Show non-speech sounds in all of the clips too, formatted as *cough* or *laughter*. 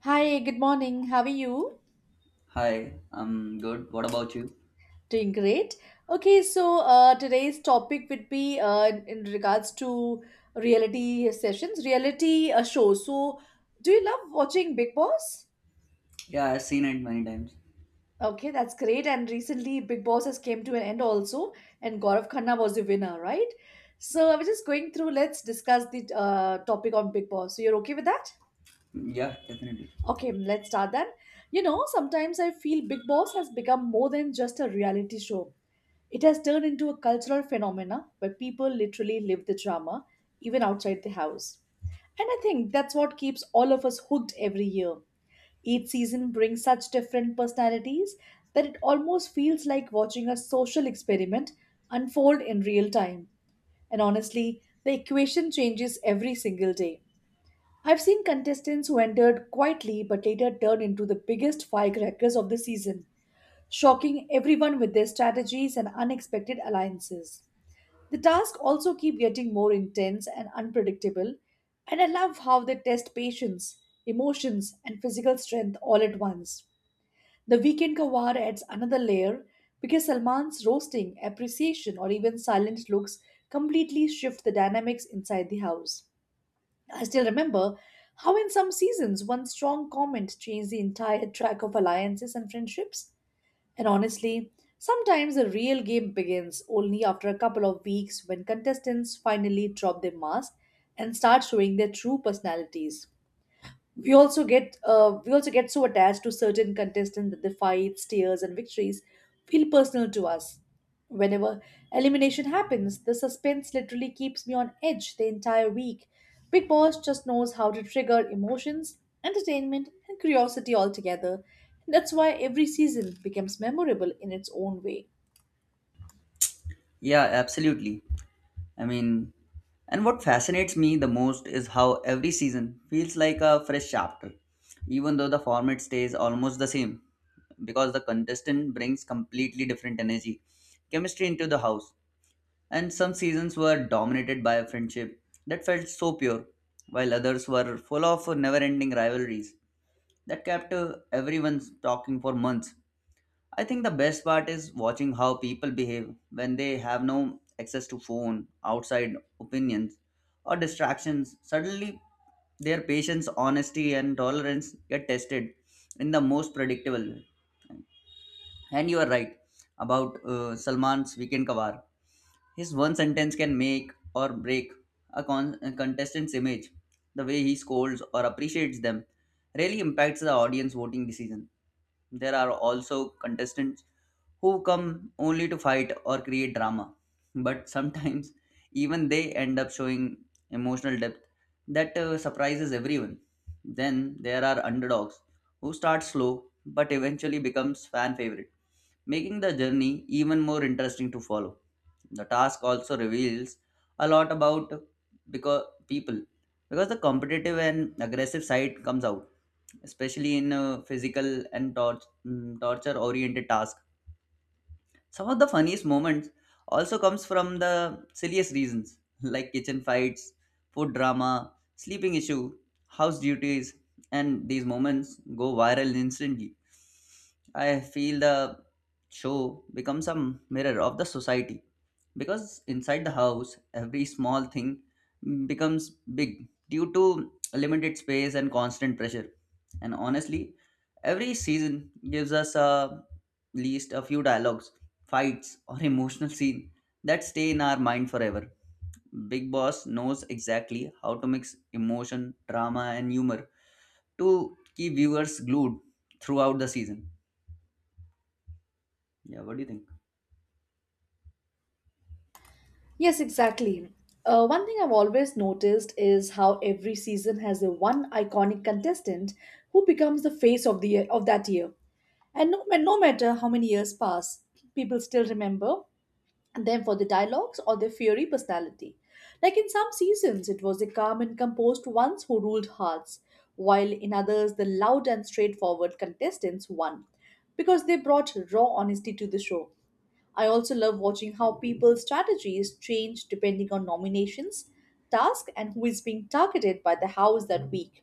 Hi, good morning. How are you? Hi, I'm good. What about you? Doing great. Okay, so today's topic would be in regards to reality sessions, reality shows. So, do you love watching Big Boss? Yeah, I've seen it many times. Okay, that's great. And recently, Big Boss has came to an end also, and Gaurav Khanna was the winner, right? So, I was just going through. Let's discuss the topic on Big Boss. So, you're okay with that? Yeah, definitely. Okay, let's start then. You know, sometimes I feel Big Boss has become more than just a reality show. It has turned into a cultural phenomena where people literally live the drama even outside the house. And I think that's what keeps all of us hooked every year. Each season brings such different personalities that it almost feels like watching a social experiment unfold in real time. And honestly, the equation changes every single day. I've seen contestants who entered quietly but later turned into the biggest firecrackers of the season, shocking everyone with their strategies and unexpected alliances. The tasks also keep getting more intense and unpredictable, and I love how they test patience, emotions, and physical strength all at once. The weekend kawar adds another layer because Salman's roasting, appreciation, or even silent looks completely shift the dynamics inside the house. I still remember how, in some seasons, one strong comment changed the entire track of alliances and friendships. And honestly, sometimes the real game begins only after a couple of weeks when contestants finally drop their mask and start showing their true personalities. We also get so attached to certain contestants that their fights, tears, and victories feel personal to us. Whenever elimination happens, the suspense literally keeps me on edge the entire week. Big Boss just knows how to trigger emotions, entertainment, and curiosity all together. That's why every season becomes memorable in its own way. Yeah, absolutely. I mean, and what fascinates me the most is how every season feels like a fresh chapter, even though the format stays almost the same, because the contestant brings completely different energy, chemistry into the house. And some seasons were dominated by a friendship that felt so pure, while others were full of never ending rivalries that kept everyone talking for months. I think the best part is watching how people behave when they have no access to phone, outside opinions, or distractions. Suddenly, their patience, honesty, and tolerance get tested in the most predictable way. And you are right about Salman's Weekend Kavar. His one sentence can make or break a contestant's image. The way he scolds or appreciates them really impacts the audience voting decision. There are also contestants who come only to fight or create drama. But sometimes *laughs* even they end up showing emotional depth that surprises everyone. Then there are underdogs who start slow but eventually becomes fan favorite, making the journey even more interesting to follow. The task also reveals a lot about because people because the competitive and aggressive side comes out especially in physical and torture oriented tasks. Some of the funniest moments also comes from the silliest reasons *laughs* like kitchen fights, food drama, sleeping issue, house duties, and these moments go viral instantly. I feel the show becomes a mirror of the society because inside the house, every small thing becomes big due to limited space and constant pressure. And honestly, every season gives us a least a few dialogues, fights, or *laughs* emotional scene that stay in our mind forever. Big Boss knows exactly how to mix emotion, drama, and humor to keep viewers glued throughout the season. Yeah, what do you think? Yes, exactly. One thing I've always noticed is how every season has a one iconic contestant who becomes the face of the year, of that year. And no matter how many years pass, people still remember them for the dialogues or their fiery personality. Like in some seasons, it was the calm and composed ones who ruled hearts, while in others, the loud and straightforward contestants won because they brought raw honesty to the show. I also love watching how people's strategies change depending on nominations, task, and who is being targeted by the House that week.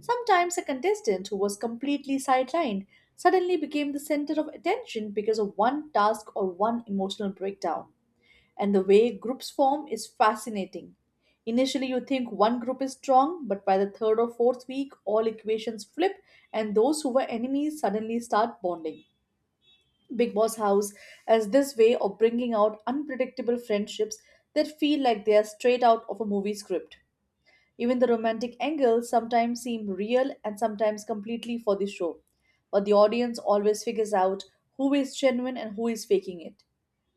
Sometimes a contestant who was completely sidelined suddenly became the center of attention because of one task or one emotional breakdown. And the way groups form is fascinating. Initially, you think one group is strong, but by the third or fourth week, all equations flip, and those who were enemies suddenly start bonding. Big Boss house as this way of bringing out unpredictable friendships that feel like they are straight out of a movie script. Even the romantic angles sometimes seem real and sometimes completely for the show, but the audience always figures out who is genuine and who is faking it.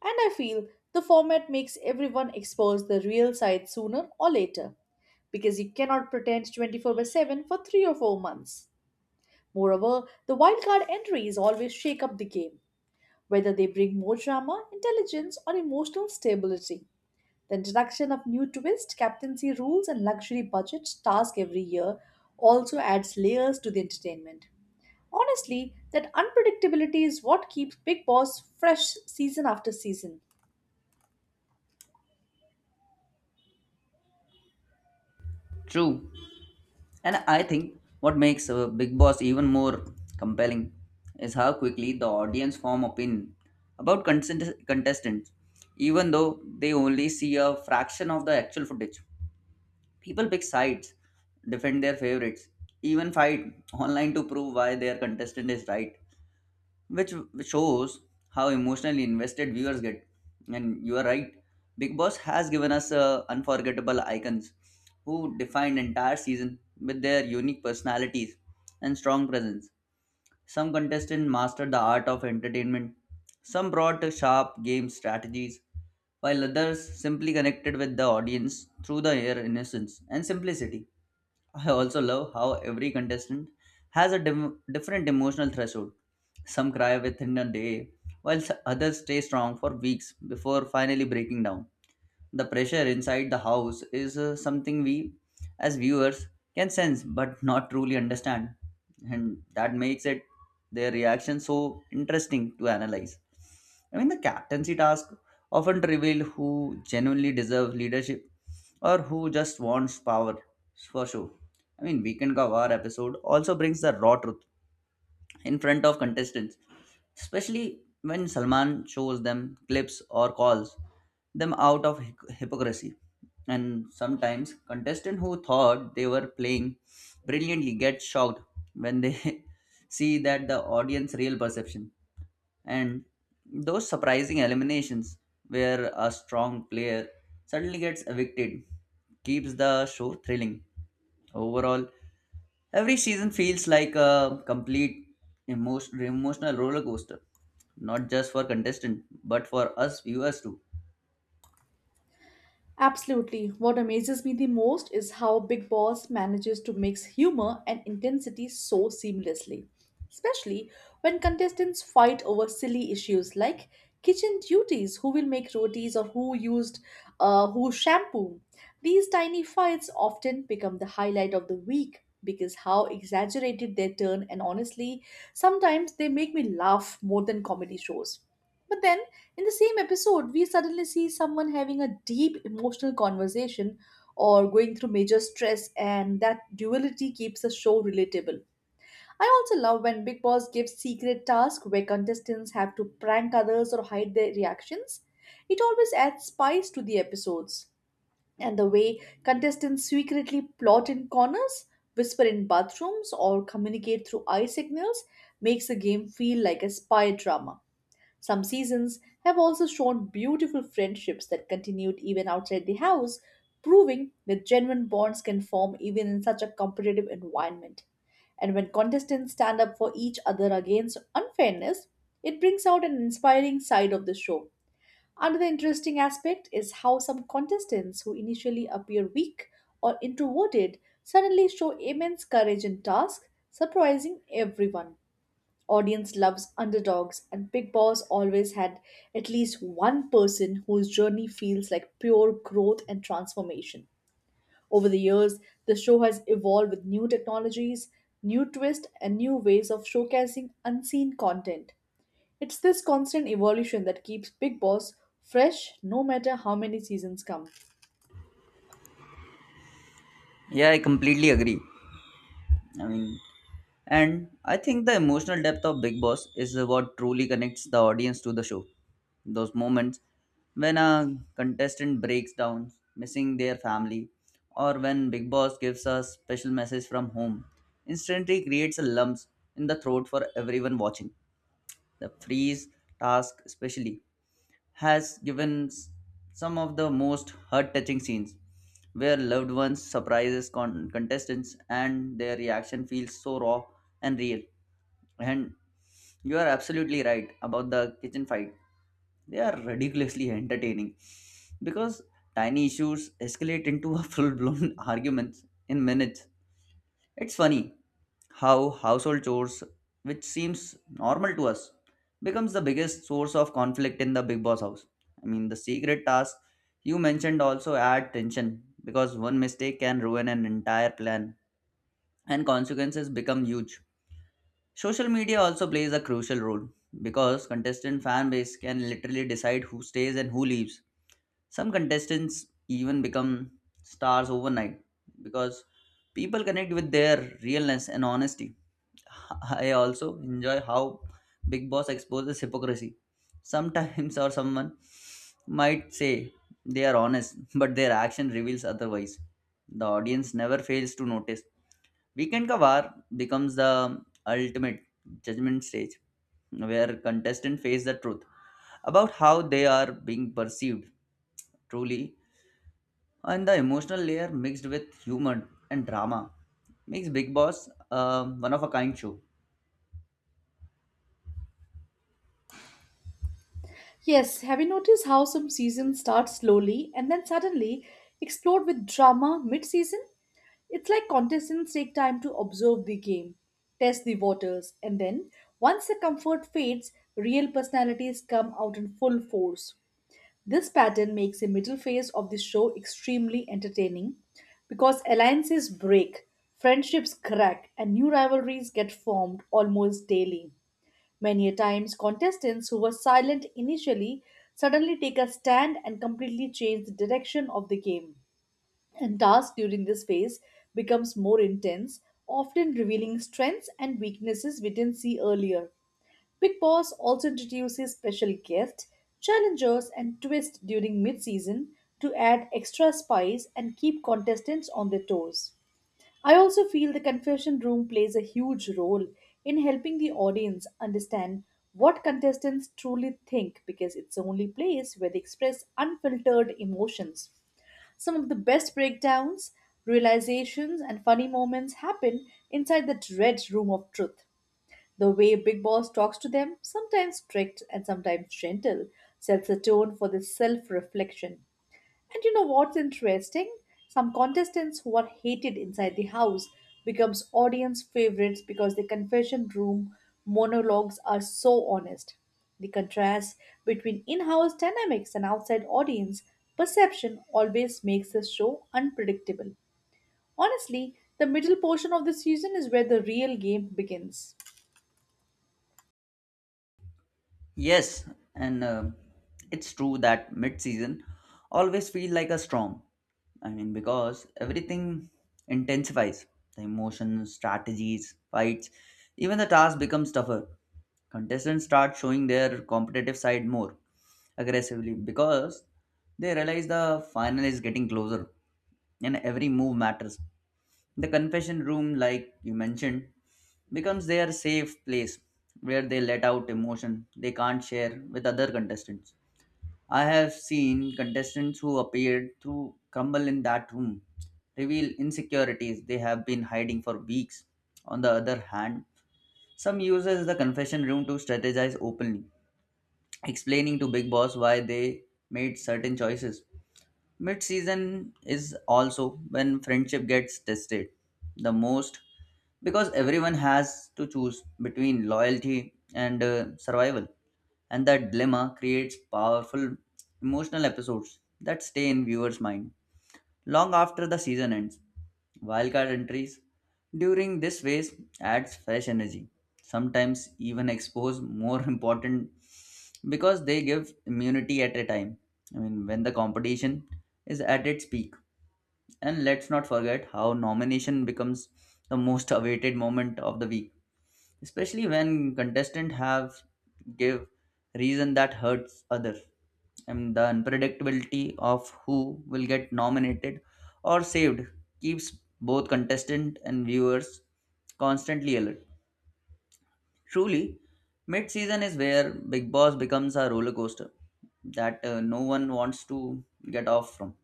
And I feel the format makes everyone expose the real side sooner or later because you cannot pretend 24 by 7 for 3 or 4 months. Moreover, the wildcard entries always shake up the game whether they bring more drama, intelligence, or emotional stability. The introduction of new twists, captaincy rules, and luxury budget tasks every year also adds layers to the entertainment. Honestly, that unpredictability is what keeps Big Boss fresh season after season. True. And I think what makes Big Boss even more compelling is how quickly the audience form opinion about contestants, even though they only see a fraction of the actual footage. People pick sides, defend their favorites, even fight online to prove why their contestant is right, which shows how emotionally invested viewers get. And you are right, Big Boss has given us unforgettable icons who defined entire season with their unique personalities and strong presence. Some contestants mastered the art of entertainment, some brought sharp game strategies, while others simply connected with the audience through their innocence and simplicity. I also love how every contestant has a different emotional threshold. Some cry within a day, while others stay strong for weeks before finally breaking down. The pressure inside the house is something we, as viewers, can sense but not truly understand, and that makes it their reaction so interesting to analyze. I mean, the captaincy task often reveal who genuinely deserve leadership or who just wants power for show. I mean, Weekend Ka War episode also brings the raw truth in front of contestants, especially when Salman shows them clips or calls them out of hypocrisy. And sometimes contestants who thought they were playing brilliantly get shocked when they *laughs* see that the audience real perception. And those surprising eliminations where a strong player suddenly gets evicted keeps the show thrilling. Overall, every season feels like a complete emotional roller coaster, not just for contestant, but for us viewers too. Absolutely. What amazes me the most is how Big Boss manages to mix humor and intensity so seamlessly, especially when contestants fight over silly issues like kitchen duties, who will make rotis or who used who shampoo. These tiny fights often become the highlight of the week because how exaggerated they turn and honestly, sometimes they make me laugh more than comedy shows. But then in the same episode, we suddenly see someone having a deep emotional conversation or going through major stress, and that duality keeps the show relatable. I also love when Big Boss gives secret tasks where contestants have to prank others or hide their reactions. It always adds spice to the episodes. And the way contestants secretly plot in corners, whisper in bathrooms, or communicate through eye signals makes the game feel like a spy drama. Some seasons have also shown beautiful friendships that continued even outside the house, proving that genuine bonds can form even in such a competitive environment. And when contestants stand up for each other against unfairness, it brings out an inspiring side of the show. Another interesting aspect is how some contestants who initially appear weak or introverted suddenly show immense courage in tasks, surprising everyone. Audience loves underdogs, and Big Boss always had at least one person whose journey feels like pure growth and transformation. Over the years, the show has evolved with new technologies, new twists, and new ways of showcasing unseen content. It's this constant evolution that keeps Big Boss fresh no matter how many seasons come. Yeah, I completely agree. I mean, and I think the emotional depth of Big Boss is what truly connects the audience to the show. Those moments when a contestant breaks down, missing their family, or when Big Boss gives a special message from home, instantly creates a lumps in the throat for everyone watching. The freeze task, especially, has some of the most heart touching scenes where loved ones surprises contestants and their reaction feels so raw and real. And you are absolutely right about the kitchen fight. They are ridiculously entertaining because tiny issues escalate into a *laughs* full blown arguments in minutes. It's funny how household chores, which seems normal to us, becomes the biggest source of conflict in the big boss house. I mean, the secret tasks you mentioned also add tension because one mistake can ruin an entire plan and consequences become huge. Social media also plays a crucial role because contestant fan base can literally decide who stays and who leaves. Some contestants even become stars overnight because people connect with their realness and honesty. *laughs* I also enjoy how Big Boss exposes hypocrisy. Sometimes *laughs* or someone might say they are honest, but their action reveals otherwise. The audience never fails to notice. Weekend ka War becomes the ultimate judgment stage where contestants face the truth about how they are being perceived truly, and the emotional layer mixed with humor and drama makes big boss one of a kind show. Yes, have you noticed how some seasons start slowly and then suddenly explode with drama mid season? It's like contestants take time to observe the game, test the waters, and then, once the comfort fades, real personalities come out in full force. This pattern makes the middle phase of the show extremely entertaining because alliances break, friendships crack, and new rivalries get formed almost daily. Many a times, contestants who were silent initially suddenly take a stand and completely change the direction of the game, and tasks during this phase becomes more intense, often revealing strengths and weaknesses we didn't see earlier. Big Boss also introduces special guests, challengers, and twists during mid-season to add extra spice and keep contestants on their toes. I also feel the confession room plays a huge role in helping the audience understand what contestants truly think because it's the only place where they express unfiltered emotions. Some of the best breakdowns, realizations, and funny moments happen inside that red room of truth. The way Big Boss talks to them, sometimes strict and sometimes gentle, sets a tone for this self reflection. And you know what's interesting? Some contestants who are hated inside the house becomes audience favorites because the confession room monologues are so honest. The contrast between in-house dynamics and outside audience perception always makes the show unpredictable. Honestly, the middle portion of the season is where the real game begins. Yes, and it's true that mid-season always feel like a storm. I mean, because everything intensifies. The emotions, strategies, fights, even the task becomes tougher. Contestants start showing their competitive side more aggressively because they realize the final is getting closer and every move matters. The confession room, like you mentioned, becomes their safe place where they let out emotion they can't share with other contestants. I have seen contestants who appeared to crumble in that room, reveal insecurities they have been hiding for weeks. On the other hand, some uses the confession room to strategize openly, explaining to Big Boss why they made certain choices. Mid season is also when friendship gets tested the most because everyone has to choose between loyalty and survival, and that dilemma creates powerful emotional episodes that stay in viewers' mind long after the season ends. Wildcard entries during this phase adds fresh energy, sometimes even expose more *laughs* important because they give immunity at a time. I mean, when the competition is at its peak. And let's not forget how nomination becomes the most awaited moment of the week, especially when contestants have give reason that hurts others, and the unpredictability of who will get nominated or saved keeps both contestant and viewers constantly alert. Truly mid season is where big boss becomes a roller coaster that no one wants to get off from.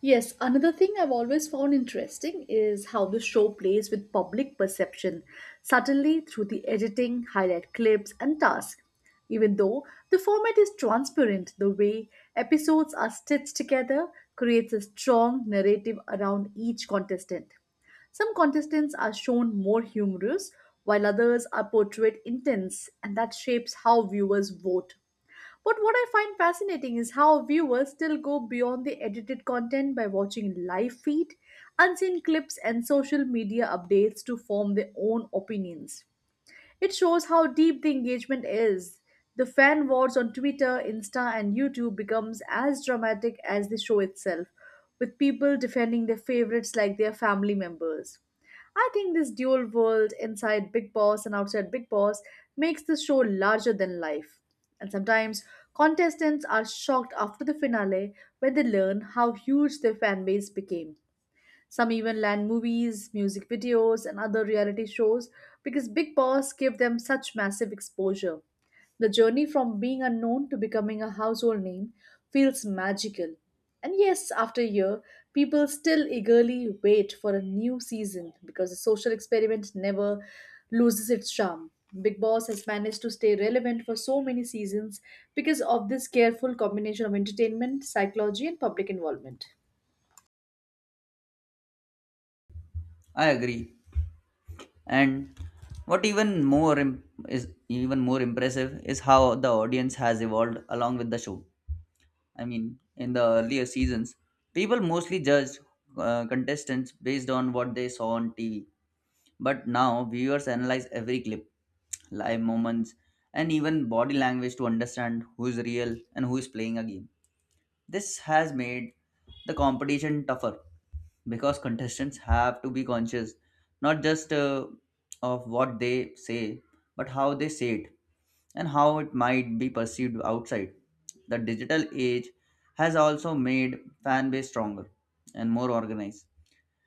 Yes, another thing I've always found interesting is how the show plays with public perception, subtly through the editing, highlight clips, and tasks. Even though the format is transparent, the way episodes are stitched together creates a strong narrative around each contestant. Some contestants are shown more humorous, while others are portrayed intense, and that shapes how viewers vote. But what I find fascinating is how viewers still go beyond the edited content by watching live feed, unseen clips, and social media updates to form their own opinions. It shows how deep the engagement is. The fan wars on Twitter, Insta, and YouTube becomes as dramatic as the show itself, with people defending their favorites like their family members. I think this dual world inside Big Boss and outside Big Boss makes the show larger than life. And sometimes contestants are shocked after the finale when they learn how huge their fan base became. Some even land movies, music videos, and other reality shows because Big Boss gave them such massive exposure. The journey from being unknown to becoming a household name feels magical. And yes, after a year, people still eagerly wait for a new season because the social experiment never loses its charm. Big Boss has managed to stay relevant for so many seasons because of this careful combination of entertainment, psychology, and public involvement. I agree. And what even more im- is even more impressive is how the audience has evolved along with the show. I mean, in the earlier seasons, people mostly judged contestants based on what they saw on TV. But now, viewers analyze every clip, live moments, and even body language to understand who is real and who is playing a game. This has made the competition tougher because contestants have to be conscious not just of what they say but how they say it and how it might be perceived outside. The digital age has also made fan base stronger and more organized.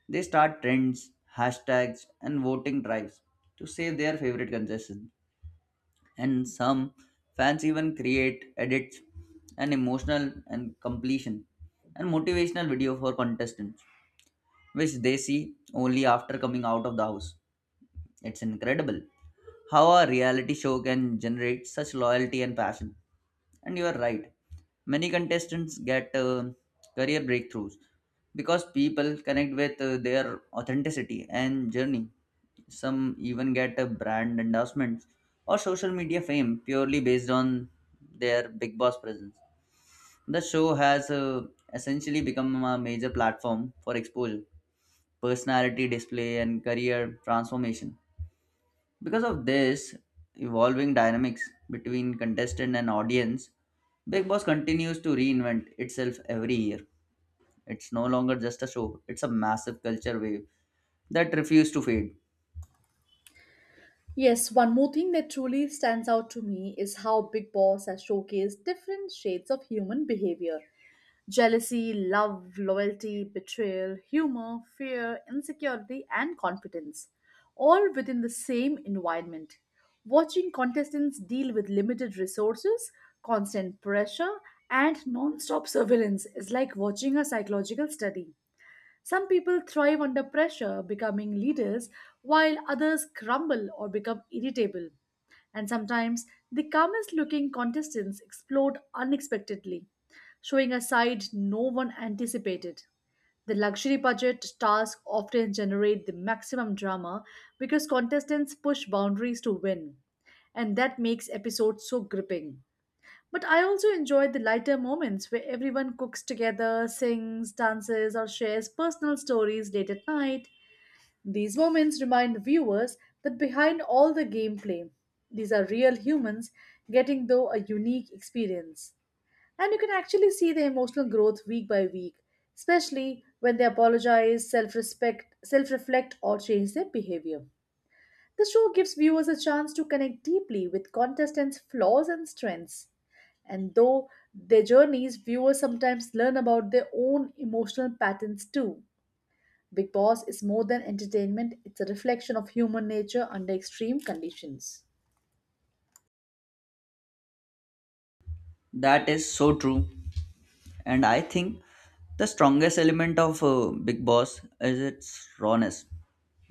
They start trends, hashtags, and voting drives to save their favorite contestants, and some fans even create edits and emotional and completion and motivational video for contestants which they see only after coming out of the house. It's incredible how a reality show can generate such loyalty and passion. And you are right, many contestants get career breakthroughs because people connect with their authenticity and journey. Some even get a brand endorsements or social media fame purely based on their Big Boss presence. The show has essentially become a major platform for exposure, personality display, and career transformation. Because of this evolving dynamics between contestant and audience, Big Boss continues to reinvent itself every year. It's no longer just a show, it's a massive culture wave that refuses to fade. Yes, one more thing that truly stands out to me is how Big Boss has showcased different shades of human behavior: jealousy, love, loyalty, betrayal, humor, fear, insecurity, and confidence, all within the same environment. Watching contestants deal with limited resources, constant pressure, and non stop surveillance is like watching a psychological study. Some people thrive under pressure, becoming leaders, while others crumble or become irritable. And sometimes the calmest looking contestants explode unexpectedly, showing a side no one anticipated. The luxury budget tasks often generate the maximum drama because contestants push boundaries to win, and that makes episodes so gripping. But I also enjoyed the lighter moments where everyone cooks together, sings, dances, or shares personal stories late at night. These moments remind the viewers that behind all the gameplay, these are real humans getting, though, a unique experience. And you can actually see the emotional growth week by week, especially when they apologize, self respect, self reflect, or change their behavior. The show gives viewers a chance to connect deeply with contestants' flaws and strengths. And though their journeys, viewers sometimes learn about their own emotional patterns too. Big Boss is more than entertainment, it's a reflection of human nature under extreme conditions. That is so true. And I think the strongest element of Big Boss is its rawness.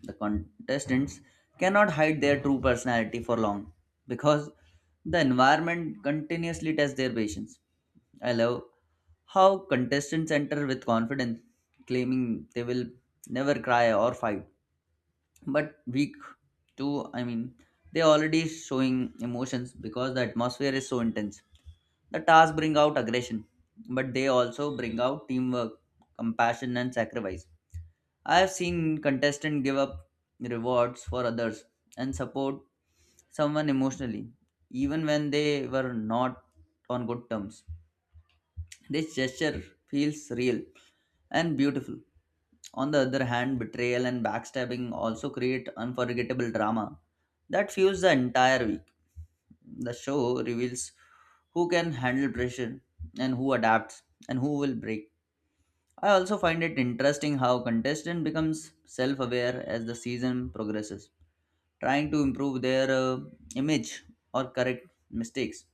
The contestants cannot hide their true personality for long because the environment continuously tests their patience. I love how contestants enter with confidence, claiming they will never cry or fight. But week two, I mean, they already showing emotions because the atmosphere is so intense. The tasks bring out aggression, but they also bring out teamwork, compassion, and sacrifice. I have seen contestants give up rewards for others and support someone emotionally, even when they were not on good terms. This gesture feels real and beautiful. On the other hand, betrayal and backstabbing also create unforgettable drama that fuels the entire week. The show reveals who can handle pressure and who adapts and who will break. I also find it interesting how contestant becomes self-aware as the season progresses, trying to improve their image or correct mistakes.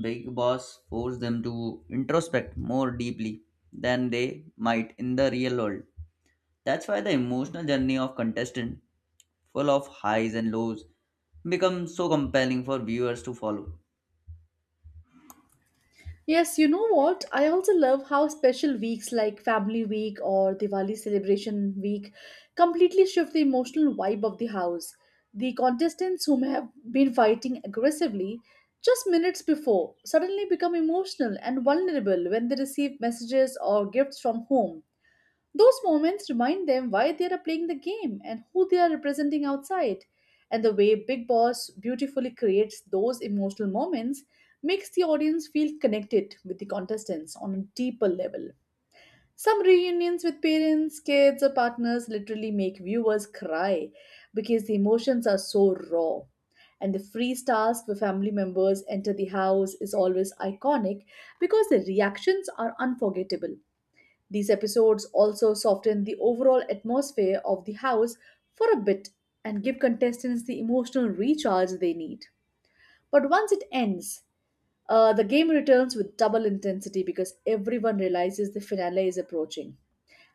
Big Boss forced them to introspect more deeply than they might in the real world. That's why the emotional journey of contestant, full of highs and lows, becomes so compelling for viewers to follow. Yes, you know what? I also love how special weeks like Family Week or Diwali Celebration Week completely shift the emotional vibe of the house. The contestants whom have been fighting aggressively just minutes before suddenly become emotional and vulnerable when they receive messages or gifts from home. Those moments remind them why they are playing the game and who they are representing outside. And the way Big Boss beautifully creates those emotional moments makes the audience feel connected with the contestants on a deeper level. Some reunions with parents, kids, or partners literally make viewers cry because the emotions are so raw. And the freeze task where family members enter the house is always iconic because the reactions are unforgettable. These episodes also soften the overall atmosphere of the house for a bit and give contestants the emotional recharge they need. But once it ends, the game returns with double intensity because everyone realizes the finale is approaching.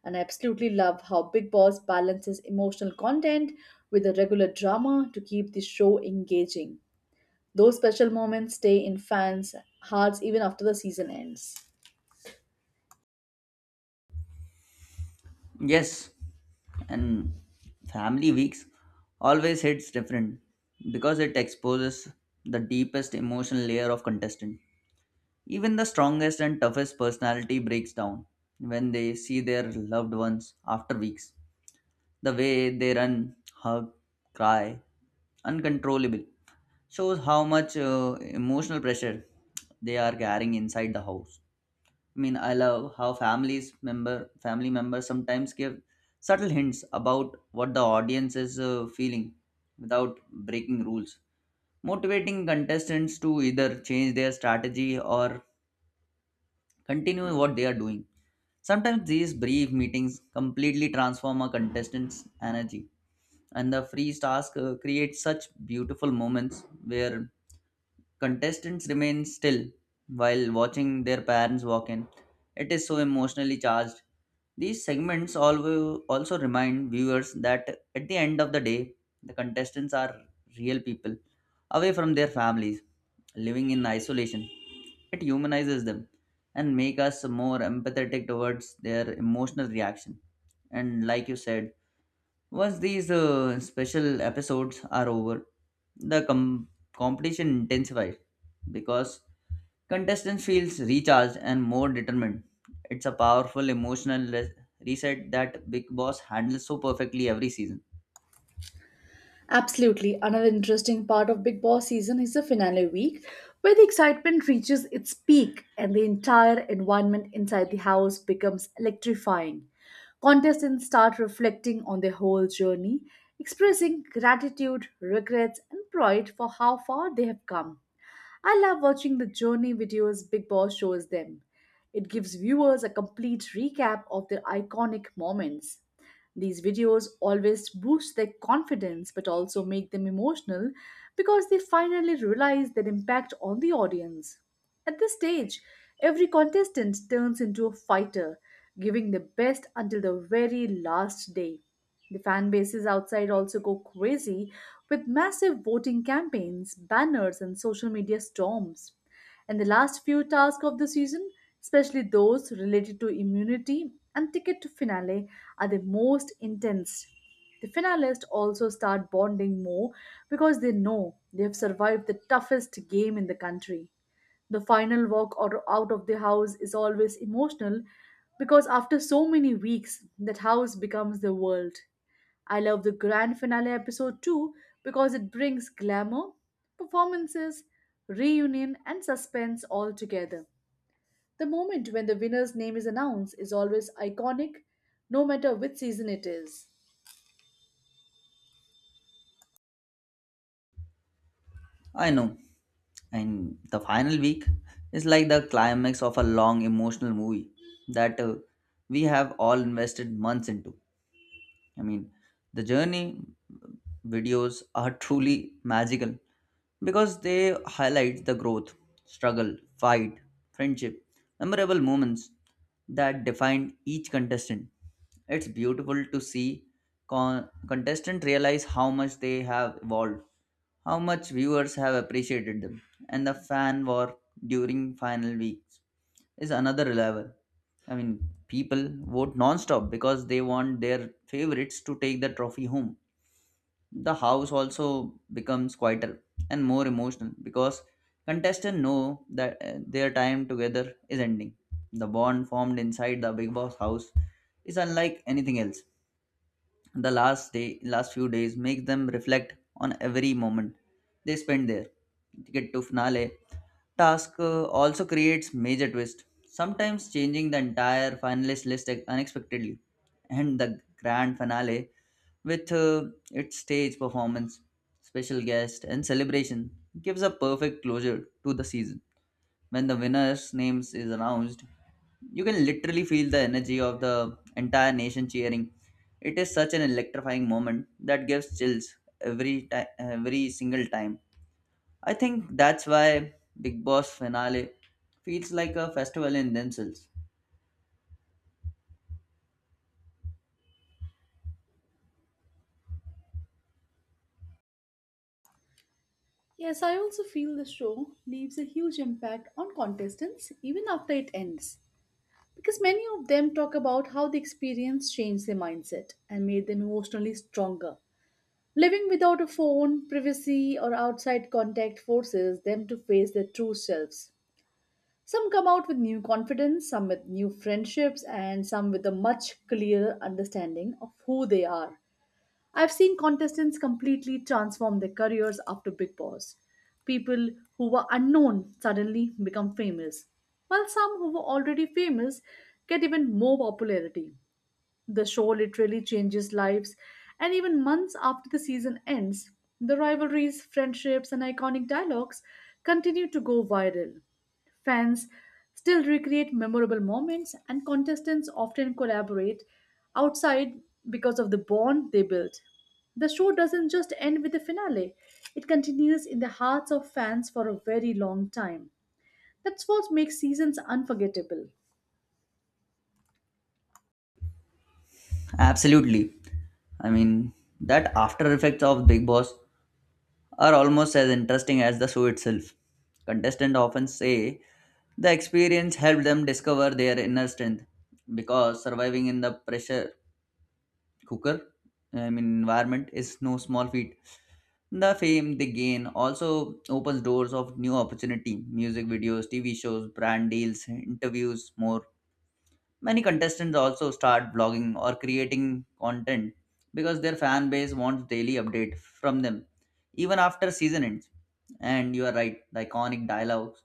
And I absolutely love how Big Boss balances emotional content with the regular drama to keep the show engaging. Those special moments stay in fans' hearts even after the season ends. Yes, and family weeks always hits different because it exposes the deepest emotional layer of contestant. Even the strongest and toughest personality breaks down when they see their loved ones after weeks. The way they run, hug, cry, uncontrollable shows how much emotional pressure they are carrying inside the house. I mean, I love how families member family members sometimes give subtle hints about what the audience is feeling without breaking rules, motivating contestants to either change their strategy or continue what they are doing. Sometimes these brief meetings completely transform a contestant's energy, and the freeze task creates such beautiful moments where contestants remain still while watching their parents walk in. It is so emotionally charged. These segments also remind viewers that at the end of the day, the contestants are real people away from their families, living in isolation. It humanizes them and make us more empathetic towards their emotional reaction. And like you said, once these special episodes are over, the competition intensifies because contestants feels recharged and more determined. It's a powerful emotional reset that Big Boss handles so perfectly every season. Absolutely. Another interesting part of Big Boss season is the finale week, where the excitement reaches its peak and the entire environment inside the house becomes electrifying. Contestants start reflecting on their whole journey, expressing gratitude, regrets, and pride for how far they have come. I love watching the journey videos Big Boss shows them. It gives viewers a complete recap of their iconic moments. These videos always boost their confidence but also make them emotional because they finally realize their impact on the audience. At this stage, every contestant turns into a fighter, giving the best until the very last day. The fan bases outside also go crazy with massive voting campaigns, banners, and social media storms. And the last few tasks of the season, especially those related to immunity and ticket to finale, are the most intense. The finalists also start bonding more because they know they have survived the toughest game in the country. The final walk or out of the house is always emotional because after so many weeks, that house becomes the world. I love the grand finale episode too because it brings glamour, performances, reunion, and suspense all together. The moment when the winner's name is announced is always iconic, no matter which season it is. I know, and the final week is like the climax of a long emotional movie that we have all invested months into. I mean, the journey videos are truly magical because they highlight the growth, struggle, fight, friendship, memorable moments that define each contestant. It's beautiful to see contestants realize how much they have evolved, how much viewers have appreciated them, and the fan war during final weeks is another level. I mean, people vote non-stop because they want their favorites to take the trophy home. The house also becomes quieter and more emotional because contestants know that their time together is ending. The bond formed inside the Big Boss house is unlike anything else. The last day, last few days, make them reflect on every moment they spend there. Ticket to finale task also creates major twist, sometimes changing the entire finalist list unexpectedly, and the grand finale with its stage performance, special guest, and celebration gives a perfect closure to the season. When the winner's names is announced, you can literally feel the energy of the entire nation cheering. It is such an electrifying moment that gives chills every time, every single time. I think that's why Big Boss finale feels like a festival in themselves. Yes, I also feel the show leaves a huge impact on contestants even after it ends. Because many of them talk about how the experience changed their mindset and made them emotionally stronger. Living without a phone, privacy, or outside contact forces them to face their true selves. Some come out with new confidence, some with new friendships, and some with a much clearer understanding of who they are. I've seen contestants completely transform their careers after Big Boss. People who were unknown suddenly become famous, while some who were already famous get even more popularity. The show literally changes lives, and even months after the season ends, the rivalries, friendships, and iconic dialogues continue to go viral. Fans still recreate memorable moments, and contestants often collaborate outside because of the bond they built. The show doesn't just end with the finale, it continues in the hearts of fans for a very long time. That's what makes seasons unforgettable. Absolutely. I mean, that after effects of Big Boss are almost as interesting as the show itself. Contestants often say the experience helped them discover their inner strength because surviving in the pressure cooker I mean environment is no small feat. The fame they gain also opens doors of new opportunity, music videos, TV shows, brand deals, interviews, more. Many contestants also start blogging or creating content because their fan base wants daily update from them, even after season ends. And you are right, the iconic dialogues,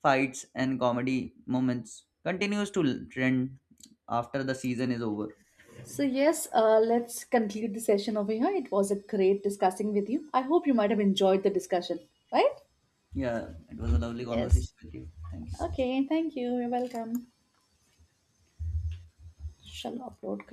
fights, and comedy moments continues to trend after the season is over. So, yes, let's conclude the session over here. It was a great discussing with you. I hope you might have enjoyed the discussion, right? Yeah, it was a lovely Yes. conversation with you. Thank you so much. Okay, thank you. You're welcome. Shall upload.